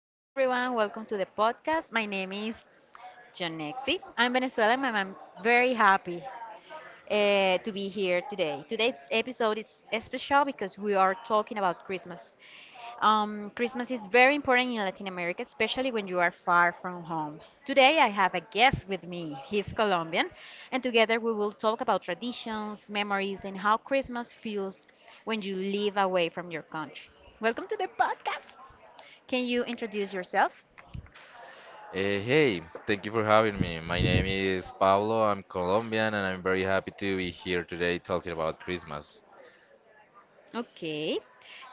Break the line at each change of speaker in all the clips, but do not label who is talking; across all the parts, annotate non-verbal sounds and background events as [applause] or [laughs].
Hi everyone, welcome to the podcast. My name is Jonexi. I'm Venezuelan and I'm very happy to be here today. Today's episode is special because we are talking about Christmas. Christmas is very important in Latin America, especially when you are far from home. Today I have a guest with me. He's Colombian, and together we will talk about traditions, memories, and how Christmas feels when you live away from your country. Welcome to the podcast. Can you introduce yourself?
Hey, thank you for having me. My name is Pablo. I'm Colombian and I'm very happy to be here today talking about Christmas.
Okay.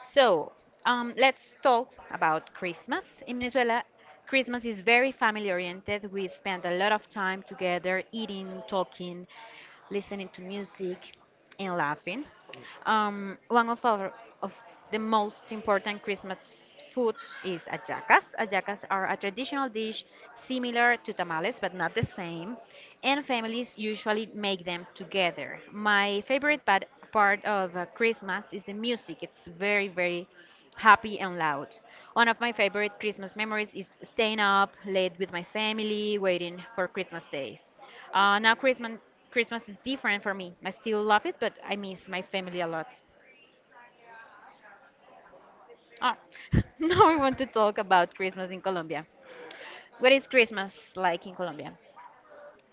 So, let's talk about Christmas. In Venezuela, Christmas is very family oriented. We spend a lot of time together eating, talking, listening to music, and laughing. One of our of The most important Christmas foods is hallacas. Hallacas are a traditional dish similar to tamales but not the same, and families usually make them together. My favorite part of Christmas is the music. It's very, very happy and loud. One of my favorite Christmas memories is staying up late with my family, waiting for Christmas days. Now Christmas is different for me. I still love it, but I miss my family a lot. Ah, [laughs] now we want to talk about Christmas in Colombia. What is Christmas like in Colombia?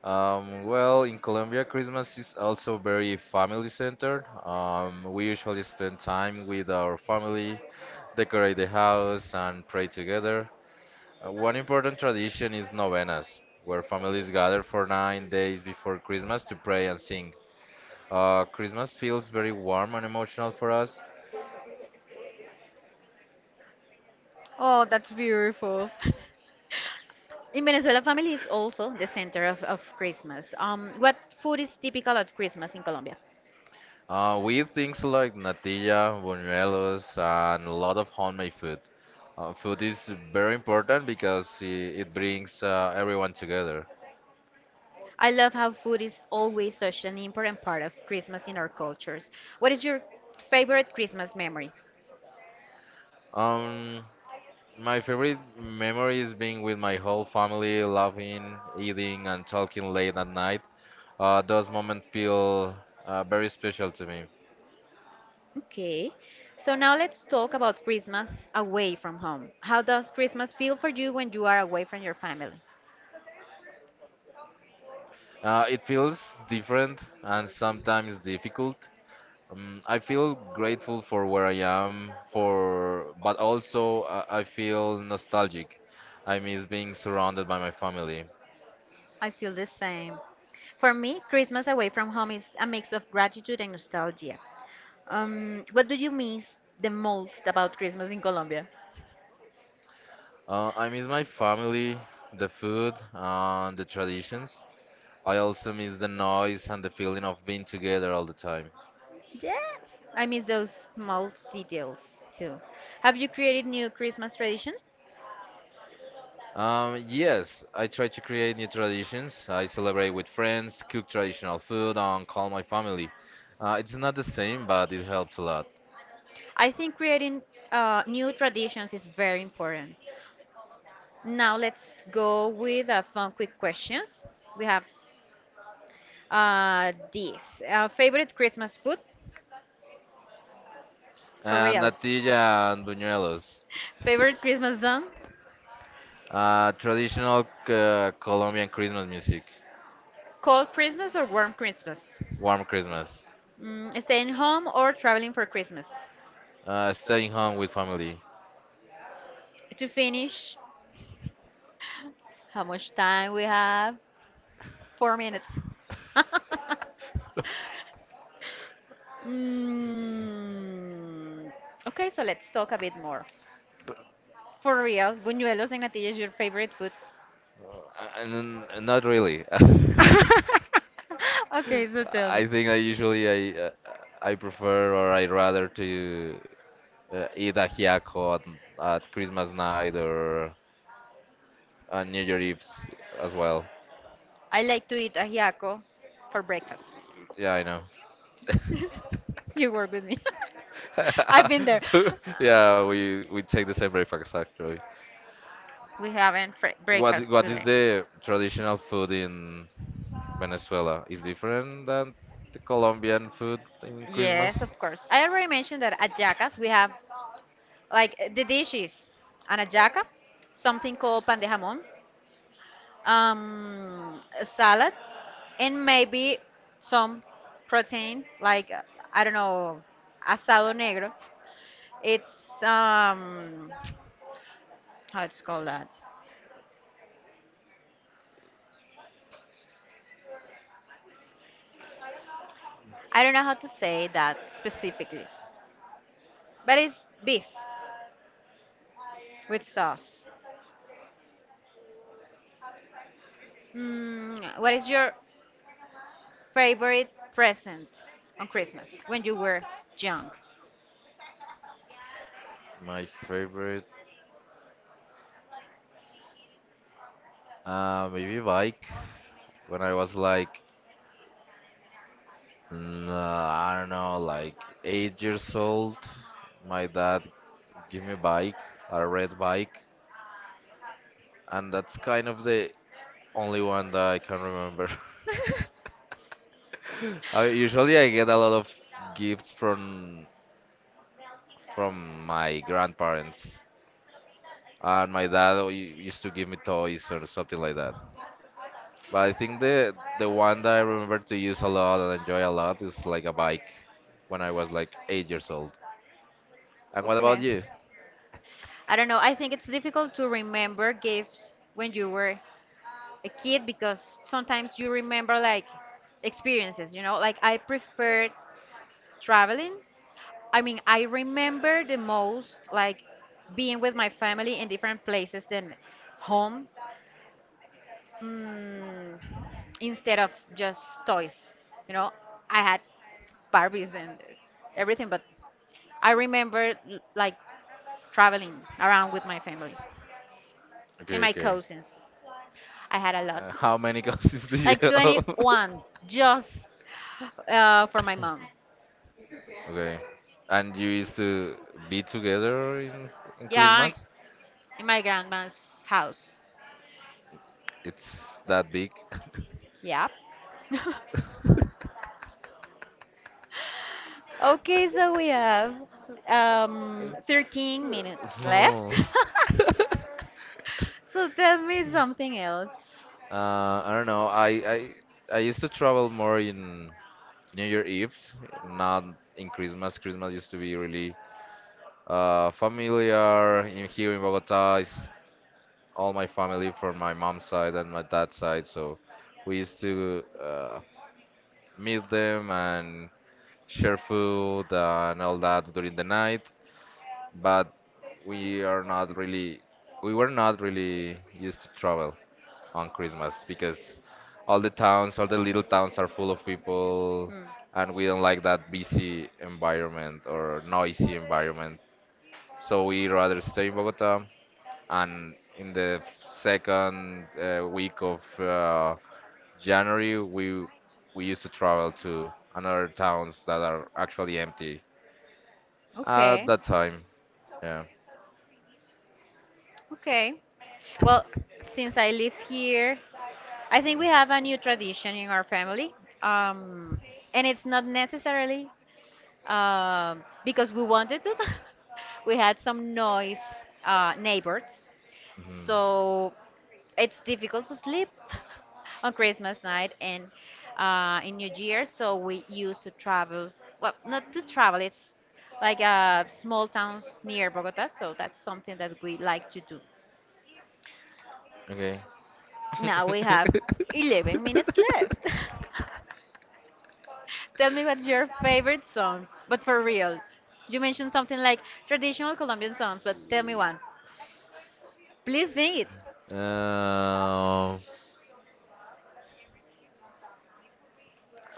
Well, in Colombia, Christmas is also very family centered. We usually spend time with our family, decorate the house, and pray together. One important tradition is novenas, where families gather for 9 days before Christmas to pray and sing. Christmas feels very warm and emotional for us.
Oh, that's beautiful. [laughs] In Venezuela, family is also the center of Christmas. What food is typical at Christmas in Colombia?
We eat things like natilla, buñuelos, and a lot of homemade food. Food is very important because it brings everyone together.
I love how food is always such an important part of Christmas in our cultures. What is your favorite Christmas memory?
Um, my favorite memory is being with my whole family, laughing, eating, and talking late at night. Those moments feel very special to me.
Okay, so now let's talk about Christmas away from home. How does Christmas feel for you when you are away from your family?
It feels different and sometimes difficult. I feel grateful for where I am, for but also I feel nostalgic. I miss being surrounded by my family.
I feel the same. For me, Christmas away from home is a mix of gratitude and nostalgia. What do you miss the most about Christmas in Colombia?
I miss my family, the food, and the traditions. I also miss the noise and the feeling of being together all the time.
Yes. I miss those small details too. Have you created new Christmas traditions?
Yes, I try to create new traditions. I celebrate with friends, cook traditional food, and call my family. It's not the same, but it helps a lot.
I think creating new traditions is very important. Now let's go with fun quick questions. We have this favorite Christmas food for
And
real,
natilla and buñuelos.
favorite Christmas songs,
Traditional Colombian Christmas music,
cold Christmas or warm Christmas,
warm Christmas,
staying home or traveling for Christmas.
staying home with family.
To finish, how much time we have? 4 minutes. [laughs] mm, okay, so let's talk a bit more. For real, buñuelos and natilla is your favorite food?
Uh, not really. [laughs]
[laughs] Okay, so tell me.
I think I usually I prefer or I rather to eat a ajiaco at Christmas night or on New Year's Eve as well.
I like to eat ajiaco for breakfast.
Yeah, I know.
[laughs] You work with me. [laughs] I've been there.
[laughs] Yeah, we take the same breakfast actually.
We haven't fr-
What
breakfast
what is
today.
the traditional food in Venezuela is different than the Colombian food in Christmas.
Yes, of course. I already mentioned that at Jacas we have like the dishes. An ajaca, something called pan de jamón, a salad, and maybe some protein, like, I don't know, asado negro. It's, how it's called that? I don't know how to say that specifically, but it's beef with sauce. What is your favorite present on Christmas when you were young?
My favorite, maybe bike. When I was like, I don't know, like 8 years old, my dad gave me a bike, a red bike, and that's kind of the only one that I can remember. [laughs] I, usually, I get a lot of gifts from my grandparents, and my dad used to give me toys or something like that. But I think the one that I remember to use a lot and enjoy a lot is like a bike when I was like 8 years old. And what about
Okay.
you?
I don't know. I think it's difficult to remember gifts when you were a kid because sometimes you remember like experiences, you know? Like I prefer traveling. I mean, I remember the most like being with my family in different places than home mm, instead of just toys. You know, I had Barbies and everything, but I remember l- like traveling around with my family and
Okay,
my
okay.
cousins. I had a lot,
How many [laughs] cousins do you
like
have?
21,
[laughs]
just for my mom.
Okay. And you used to be together in
Yeah,
Christmas?
in my grandma's house.
It's that big? [laughs]
Yeah. [laughs] Okay, so we have 13 minutes
No.
left. [laughs]
[laughs]
So tell me something else.
I don't know. I used to travel more in New Year Eve, not in Christmas. Christmas used to be really familiar in here in Bogota is all my family from my mom's side and my dad's side. So we used to meet them and share food and all that during the night. But we are not really, we were not really used to travel on Christmas because all the towns, all the little towns are full of people,
Hmm.
and we don't like that busy environment or noisy environment. So we rather stay in Bogota and in the second week of January, we used to travel to another towns that are actually empty at
Okay.
that time. Yeah.
Okay. Well, since I live here, I think we have a new tradition in our family. Um, and it's not necessarily because we wanted to. [laughs] We had some noise neighbors.
Mhm.
So it's difficult to sleep [laughs] on Christmas night and in New Year, so we used to travel. Well, not to travel, it's like small towns near Bogota, so that's something that we like to do.
Okay.
Now we
[laughs]
have 11 minutes left. [laughs] Tell me what's your favorite song, but for real. You mentioned something like traditional Colombian songs, but tell me one. Please sing it.
Um,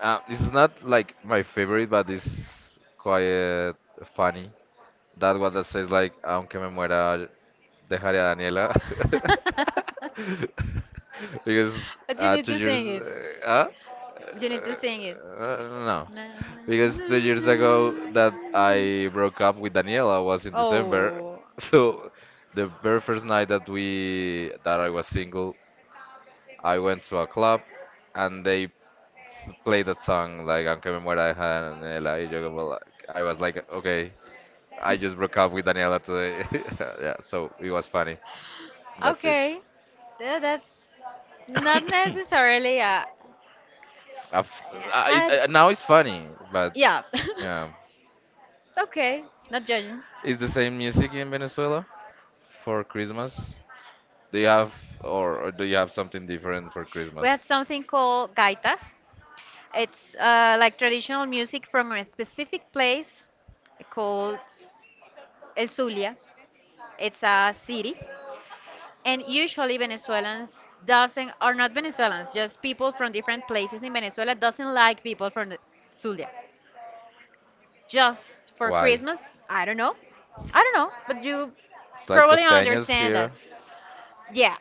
this is not like my favorite, but it's quite funny. That one that says like, aunque me muera, dejaré a Daniela.
[laughs]
[laughs] Because
But you need
two
to
years.
sing it.
Uh, uh,
You need to sing it.
no.
Na, na,
Because two
na,
years ago that
na.
I broke up with Daniela was in December. [laughs]
Oh,
So the very first night that we that I was single, I went to a club and they played that song like Aunque me muera deja de Daniela. Y yo como like, I was like, okay, I just broke up with Daniela today. [laughs] Yeah, so it was funny. That's it.
okay. Tha- That's not
[coughs]
necessarily
I f-
a
I- now it's funny, but
yeah.
yeah,
[laughs] Okay, not judging.
is the same music in Venezuela for Christmas? Do you have or do you have something different for
We
Christmas?
had something called gaitas. It's like traditional music from a specific place called El Zulia. It's a city, and usually Venezuelans doesn't, are not Venezuelans, just people from different places in Venezuela doesn't like people from the Zulia just for
Why?
Christmas. I don't know. I don't know, but you
It's like
probably
costeños
understand that.
here.
Yeah.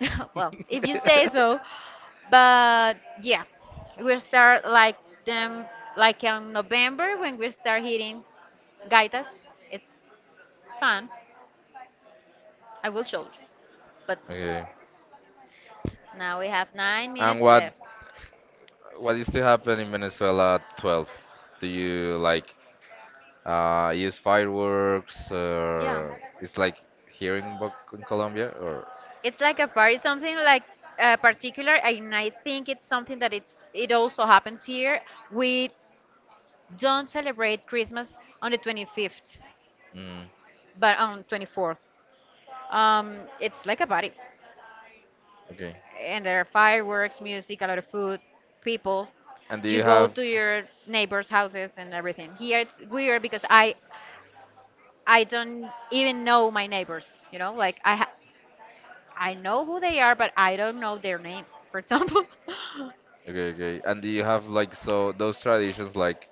[laughs] Well, if you say so,
[laughs]
but yeah, we start like them like in November when we start hitting gaitas. It's fun. I will show you, but
Okay.
now we have nine
And
minutes
what
left.
what used to happen in Venezuela at 12? Do you like use fireworks.
Yeah,
It's like here in, Bo in Colombia, or
it's like a party, something like particular, and I think it's something that it's it also happens here. We don't celebrate Christmas on the 25th,
mm,
but on 24th. It's like a party,
okay.
and there are fireworks, music, a lot of food, people.
And do
You
you
go
have
to your neighbors' houses and everything. Here it's weird because I don't even know my neighbors. You know, like I ha- I know who they are, but I don't know their names. For example,
okay, okay? And do you have like so those traditions like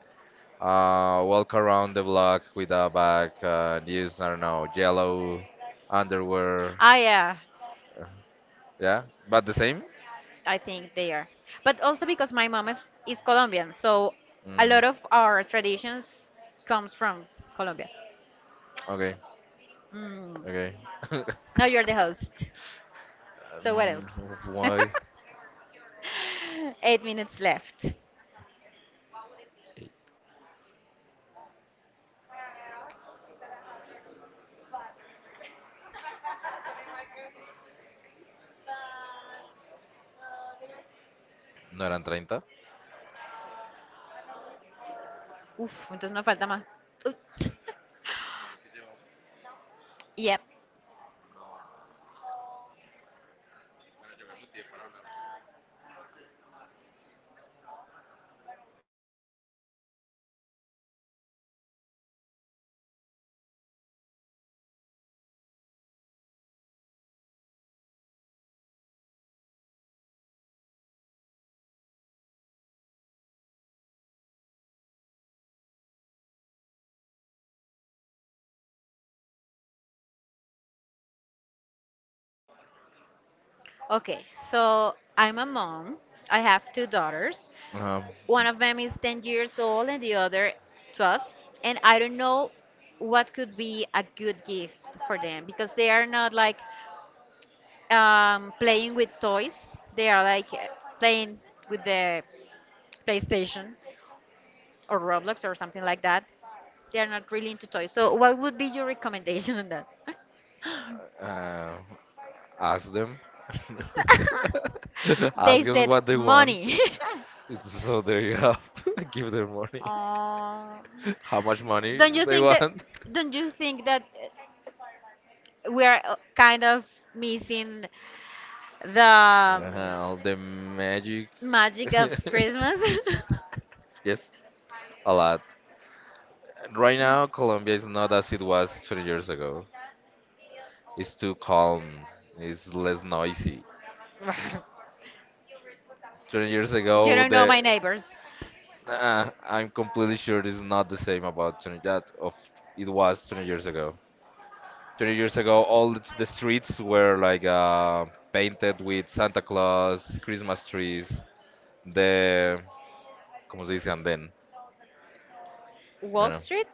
walk around the block with a bag and use I don't know yellow underwear?
[laughs] ah yeah,
Yeah, but the same.
I think they are. But also because my mom is Colombian, so a
Mm,
lot of our traditions comes from Colombia.
okay,
Mm.
okay. [laughs]
Now you're the host. So what
um,
else? [laughs]
why?
8 minutes left.
No eran 30.
Uf, entonces no falta más. [laughs] Uy. Yep. Okay, so I'm a mom. I have 2 daughters.
Um,
One of them is 10 years old and the other 12. And I don't know what could be a good gift for them because they are not like playing with toys. They are like playing with the PlayStation or Roblox or something like that. They are not really into toys. So, what would be your recommendation on that?
uh, ask them. [laughs]
[laughs]
Ask
They
them
said
what they want.
money. [laughs]
So there you have. [laughs] Give them money.
Um,
[laughs] How much money
don't you
they
think that?
want.
Don't you think that we are kind of missing the
All the magic.
magic of
[laughs]
Christmas?
Yes, a lot. Right now, Colombia is not as it was 20 years ago. It's too calm. It's less noisy.
[laughs]
20 years
You
ago,
don't
the
know my neighbors.
Nah, I'm completely sure this is not the same about 20 that of it was 20 years ago. 20 years ago, all the streets were like painted with Santa Claus, Christmas trees, the, ¿cómo se dice? Andén.
Wall
Bueno,
Street?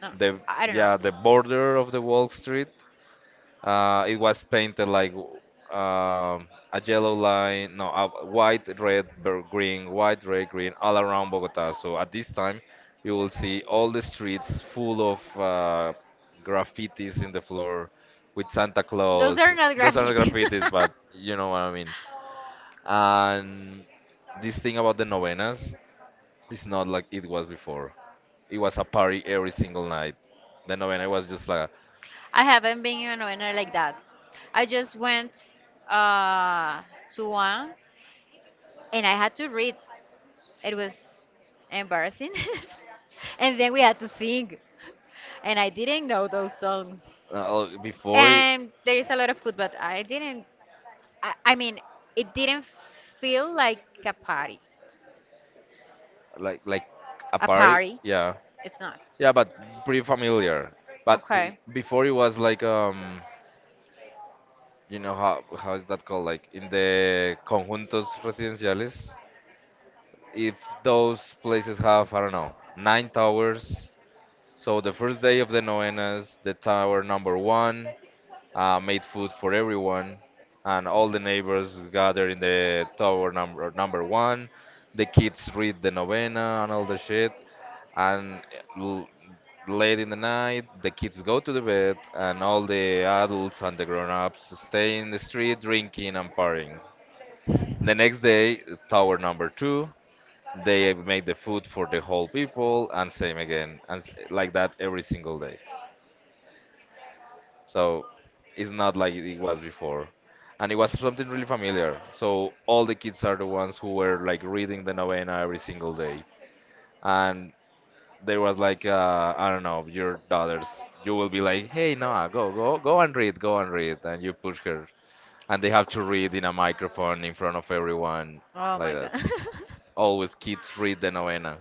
No,
the,
I don't know.
yeah, the border of the Wall Street. It was painted like a yellow line, no, a white, red, green, white, red, green, all around Bogota. So at this time, you will see all the streets full of graffitis in the floor with Santa
Those
Claus.
are not
Those are not
graffiti. [laughs]
graffitis, but you know what I mean. And this thing about the novenas is not like it was before. It was a party every single night. The novena was just like
I haven't been in a winner like that. I just went uh, to one and I had to read. It was embarrassing. [laughs] And then we had to sing. And I didn't know those songs.
uh, uh, before. it-
And there is a lot of food, but I didn't, I mean, it didn't feel like a party.
like a
A
party.
party?
Yeah,
It's not.
yeah, but pretty familiar. But
Okay.
before it was like um, you know how is that called like in the conjuntos residenciales, if those places have I don't know nine towers, so the first day of the novenas the tower number one made food for everyone and all the neighbors gather in the tower number one. The kids read the novena and all the shit, and late in the night, the kids go to the bed, and all the adults and the grown-ups stay in the street drinking and partying. The next day, tower number two, they make the food for the whole people, and same again, and like that every single day. So it's not like it was before. And it was something really familiar. So all the kids are the ones who were like reading the novena every single day. And there was like I don't know your daughters, you will be like hey Noah go and read, go and read, and you push her, and they have to read in a microphone in front of everyone
Oh
like
my God.
that.
[laughs]
Always kids read the novena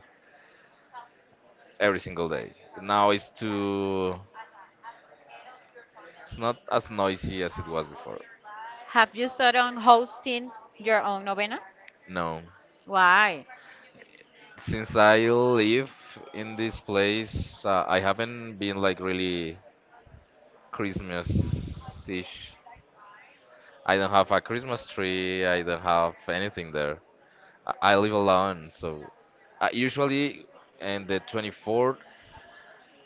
every single day. Now it's too, it's not as noisy as it was before.
Have you thought on hosting your own novena?
No,
Why?
since I live in this place I haven't been like really Christmas ish I don't have a Christmas tree, I don't have anything there. I live alone, so I usually in the 24th,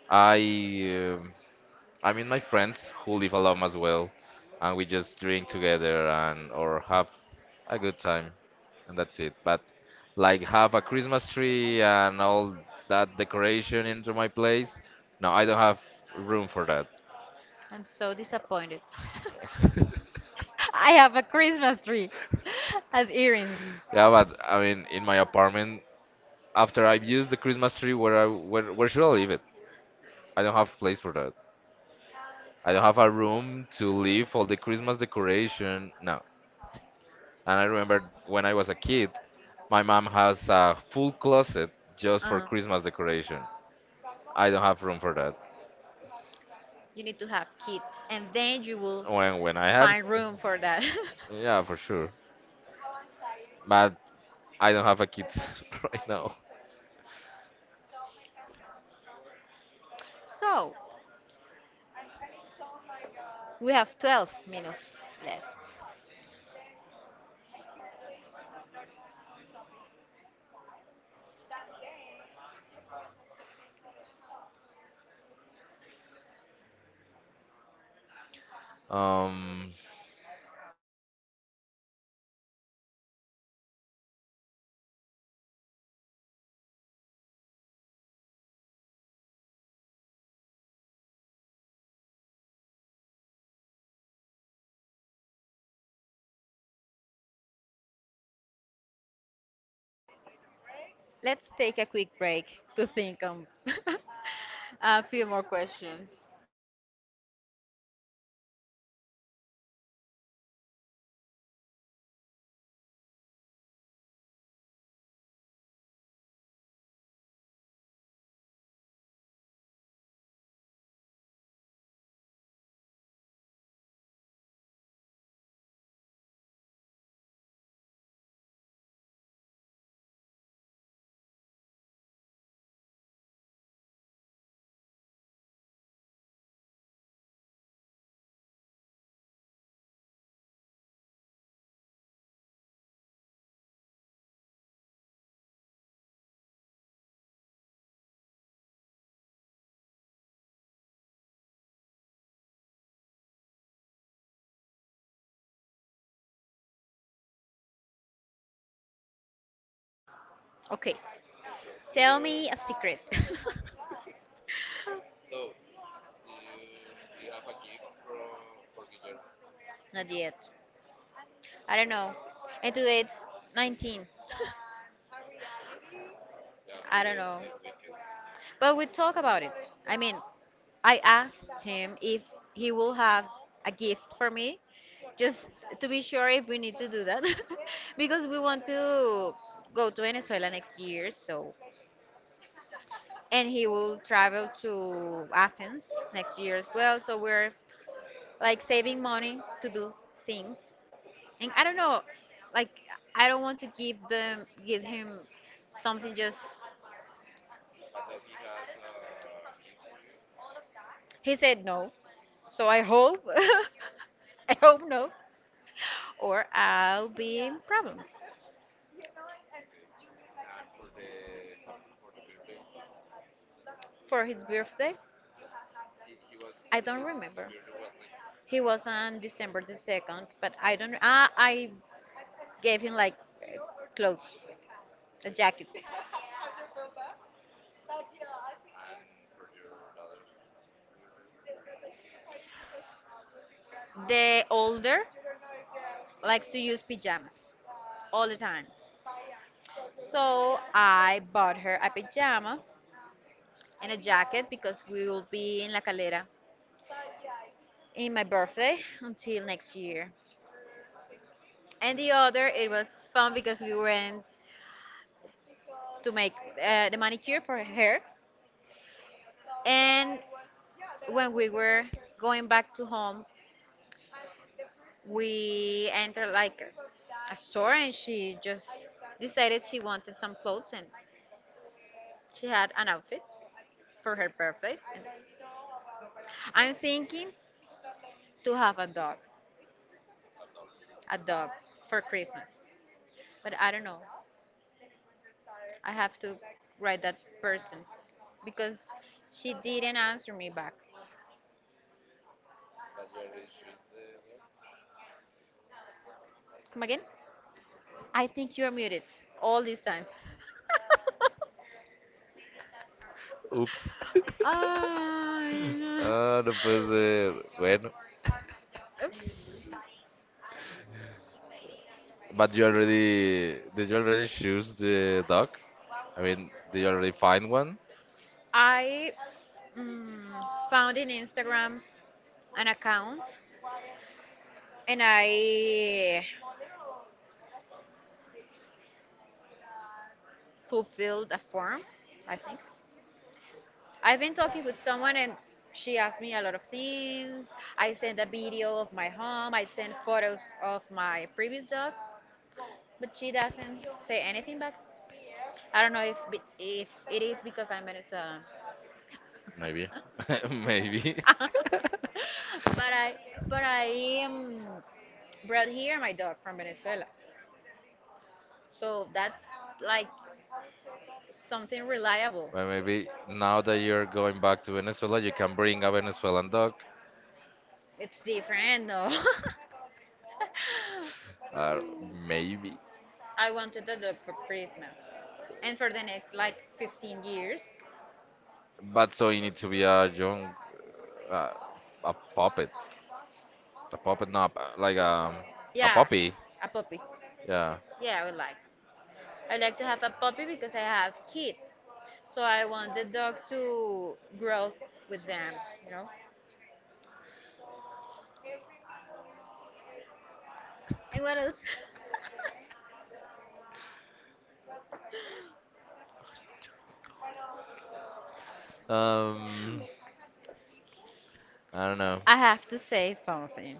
I um I mean my friends who live alone as well, and we just drink together and or have a good time, and that's it. But like have a Christmas tree and all that decoration into my place, no, I don't have room for that.
I'm so disappointed. [laughs]
[laughs]
I have a Christmas tree [laughs] as earrings.
Yeah, but I mean, in my apartment, after I've used the Christmas tree, where should I leave it? I don't have place for, I don't have a room to leave all the Christmas decoration. No. And I remember when I was a kid, my mom has a full closet just for
Uh-huh.
Christmas decoration. I don't have room for that.
You need to have kids, and then you will
When I have,
find room for that. [laughs]
yeah, for sure. But I don't have a kid [laughs] right now.
So, we have 12 minutes left.
Um,
Let's take a quick break to think on [laughs] a few more questions. Okay, tell me a secret. [laughs] Not yet. I don't know. And today it's 19. I don't know. But we talk about it. I mean, I asked him if he will have a gift for me, just to be sure if we need to do that, [laughs] because we want to go to Venezuela next year. So and he will travel to Athens next year as well. So we're like saving money to do things. And I don't know, like I don't want to give him something just he said no. So I hope [laughs] I hope no or I'll be in problem for his birthday. I don't remember. He was on December the 2nd, but I don't ah I gave him like uh, clothes, a jacket. The older likes to use pajamas all the time. So I bought her a pajama and a jacket because we will be in La Calera in my birthday [laughs] until next year. And the other, it was fun because we went to make the manicure for her hair. And when we were going back to home, we entered like a store and she just decided she wanted some clothes and she had an outfit for her birthday. I'm thinking to have a dog for Christmas, but I don't know. I have to write that person because she didn't answer me back. Come again? I think you're muted all this time. [laughs]
oops. [laughs]
Ah,
Ah, no puede ser. Bueno,
oops.
but you already choose the dog? I mean, did you already find one?
I mm, found in Instagram an account and I fulfilled a form, I think. I've been talking with someone and she asked me a lot of things. I sent a video of my home, I sent photos of my previous dog, but she doesn't say anything back. I don't know if it is because I'm Venezuelan.
Maybe. [laughs] Maybe.
[laughs] But I am brought here my dog from Venezuela. So that's like something reliable.
Well, maybe now that you're going back to Venezuela, you can bring a Venezuelan dog.
It's different, though.
Uh,
[laughs]
maybe.
I wanted a dog for Christmas. And for the next like 15 years,
But so you need to be a young, uh, a puppet. A puppet, not like a
yeah,
puppy.
a puppy.
Yeah.
Yeah, I would like. I like to have a puppy because I have kids. So I want the dog to grow with them, you know? And what else?
Um, I don't know.
[laughs] I have to say something.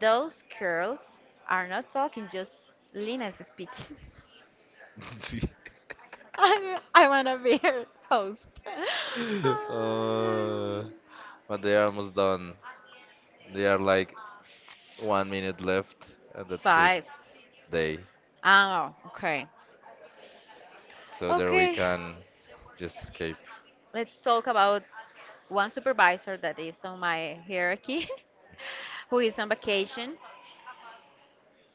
Those girls are not talking, just Lina's speech. [laughs] I want to be her host.
[laughs] uh,
[laughs]
but they are almost done. They are like 1 minute left, and that's it.
Five.
They.
Oh, okay.
So there we
Okay,
can just escape.
let's talk about one supervisor that is on my hierarchy [laughs] who is on vacation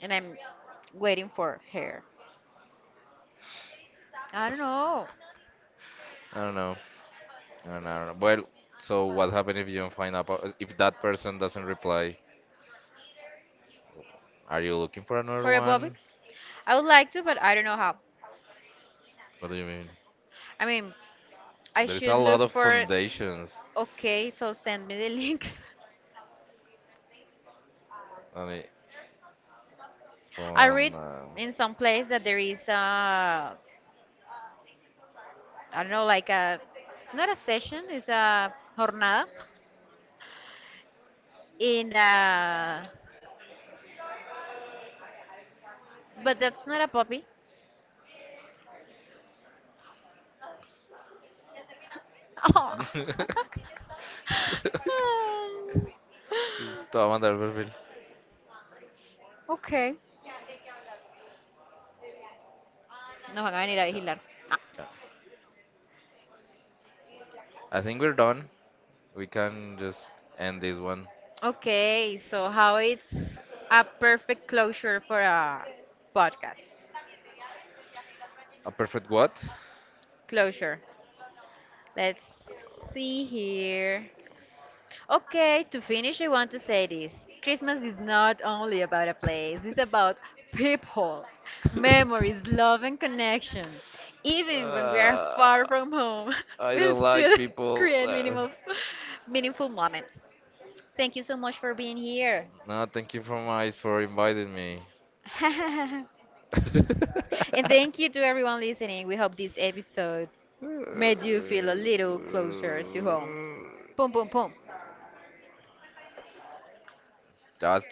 and I'm waiting for her. I don't know.
I don't know. I don't know. I don't know. Well, so what happened if you don't find out about- if that person doesn't reply? Are you looking for another
For a Bobby?
one?
I would like to, but I don't know how.
What do you mean?
I mean, I
There is a
should
lot
look
of
for it.
foundations
Okay, so send me the links. [laughs]
on it.
I
Fun.
read in some place that there is a, I don't know, like a, it's not a session, it's a jornada. In but that's not a puppy. Oh.
[laughs]
[laughs]
Todo mandar el perfil.
Okay. Nos van a venir a
Yeah,
vigilar. Ah.
yeah. I think we're done. We can just end this one.
Okay, so how it's a perfect closure for a podcast.
A perfect what?
Closure. Let's see here. Okay, to finish, I want to say this. Christmas is not only about a place, it's about people, memories, love, and connection. Even when we are
Uh,
far from home, [laughs]
I
we
don't like
still [laughs]
people.
create minimal, meaningful moments. Thank you so much for being here.
No, thank you for inviting me. [laughs]
[laughs] And thank you to everyone listening. We hope this episode made
uh,
you feel a little closer to home. Boom, boom, boom.
Ya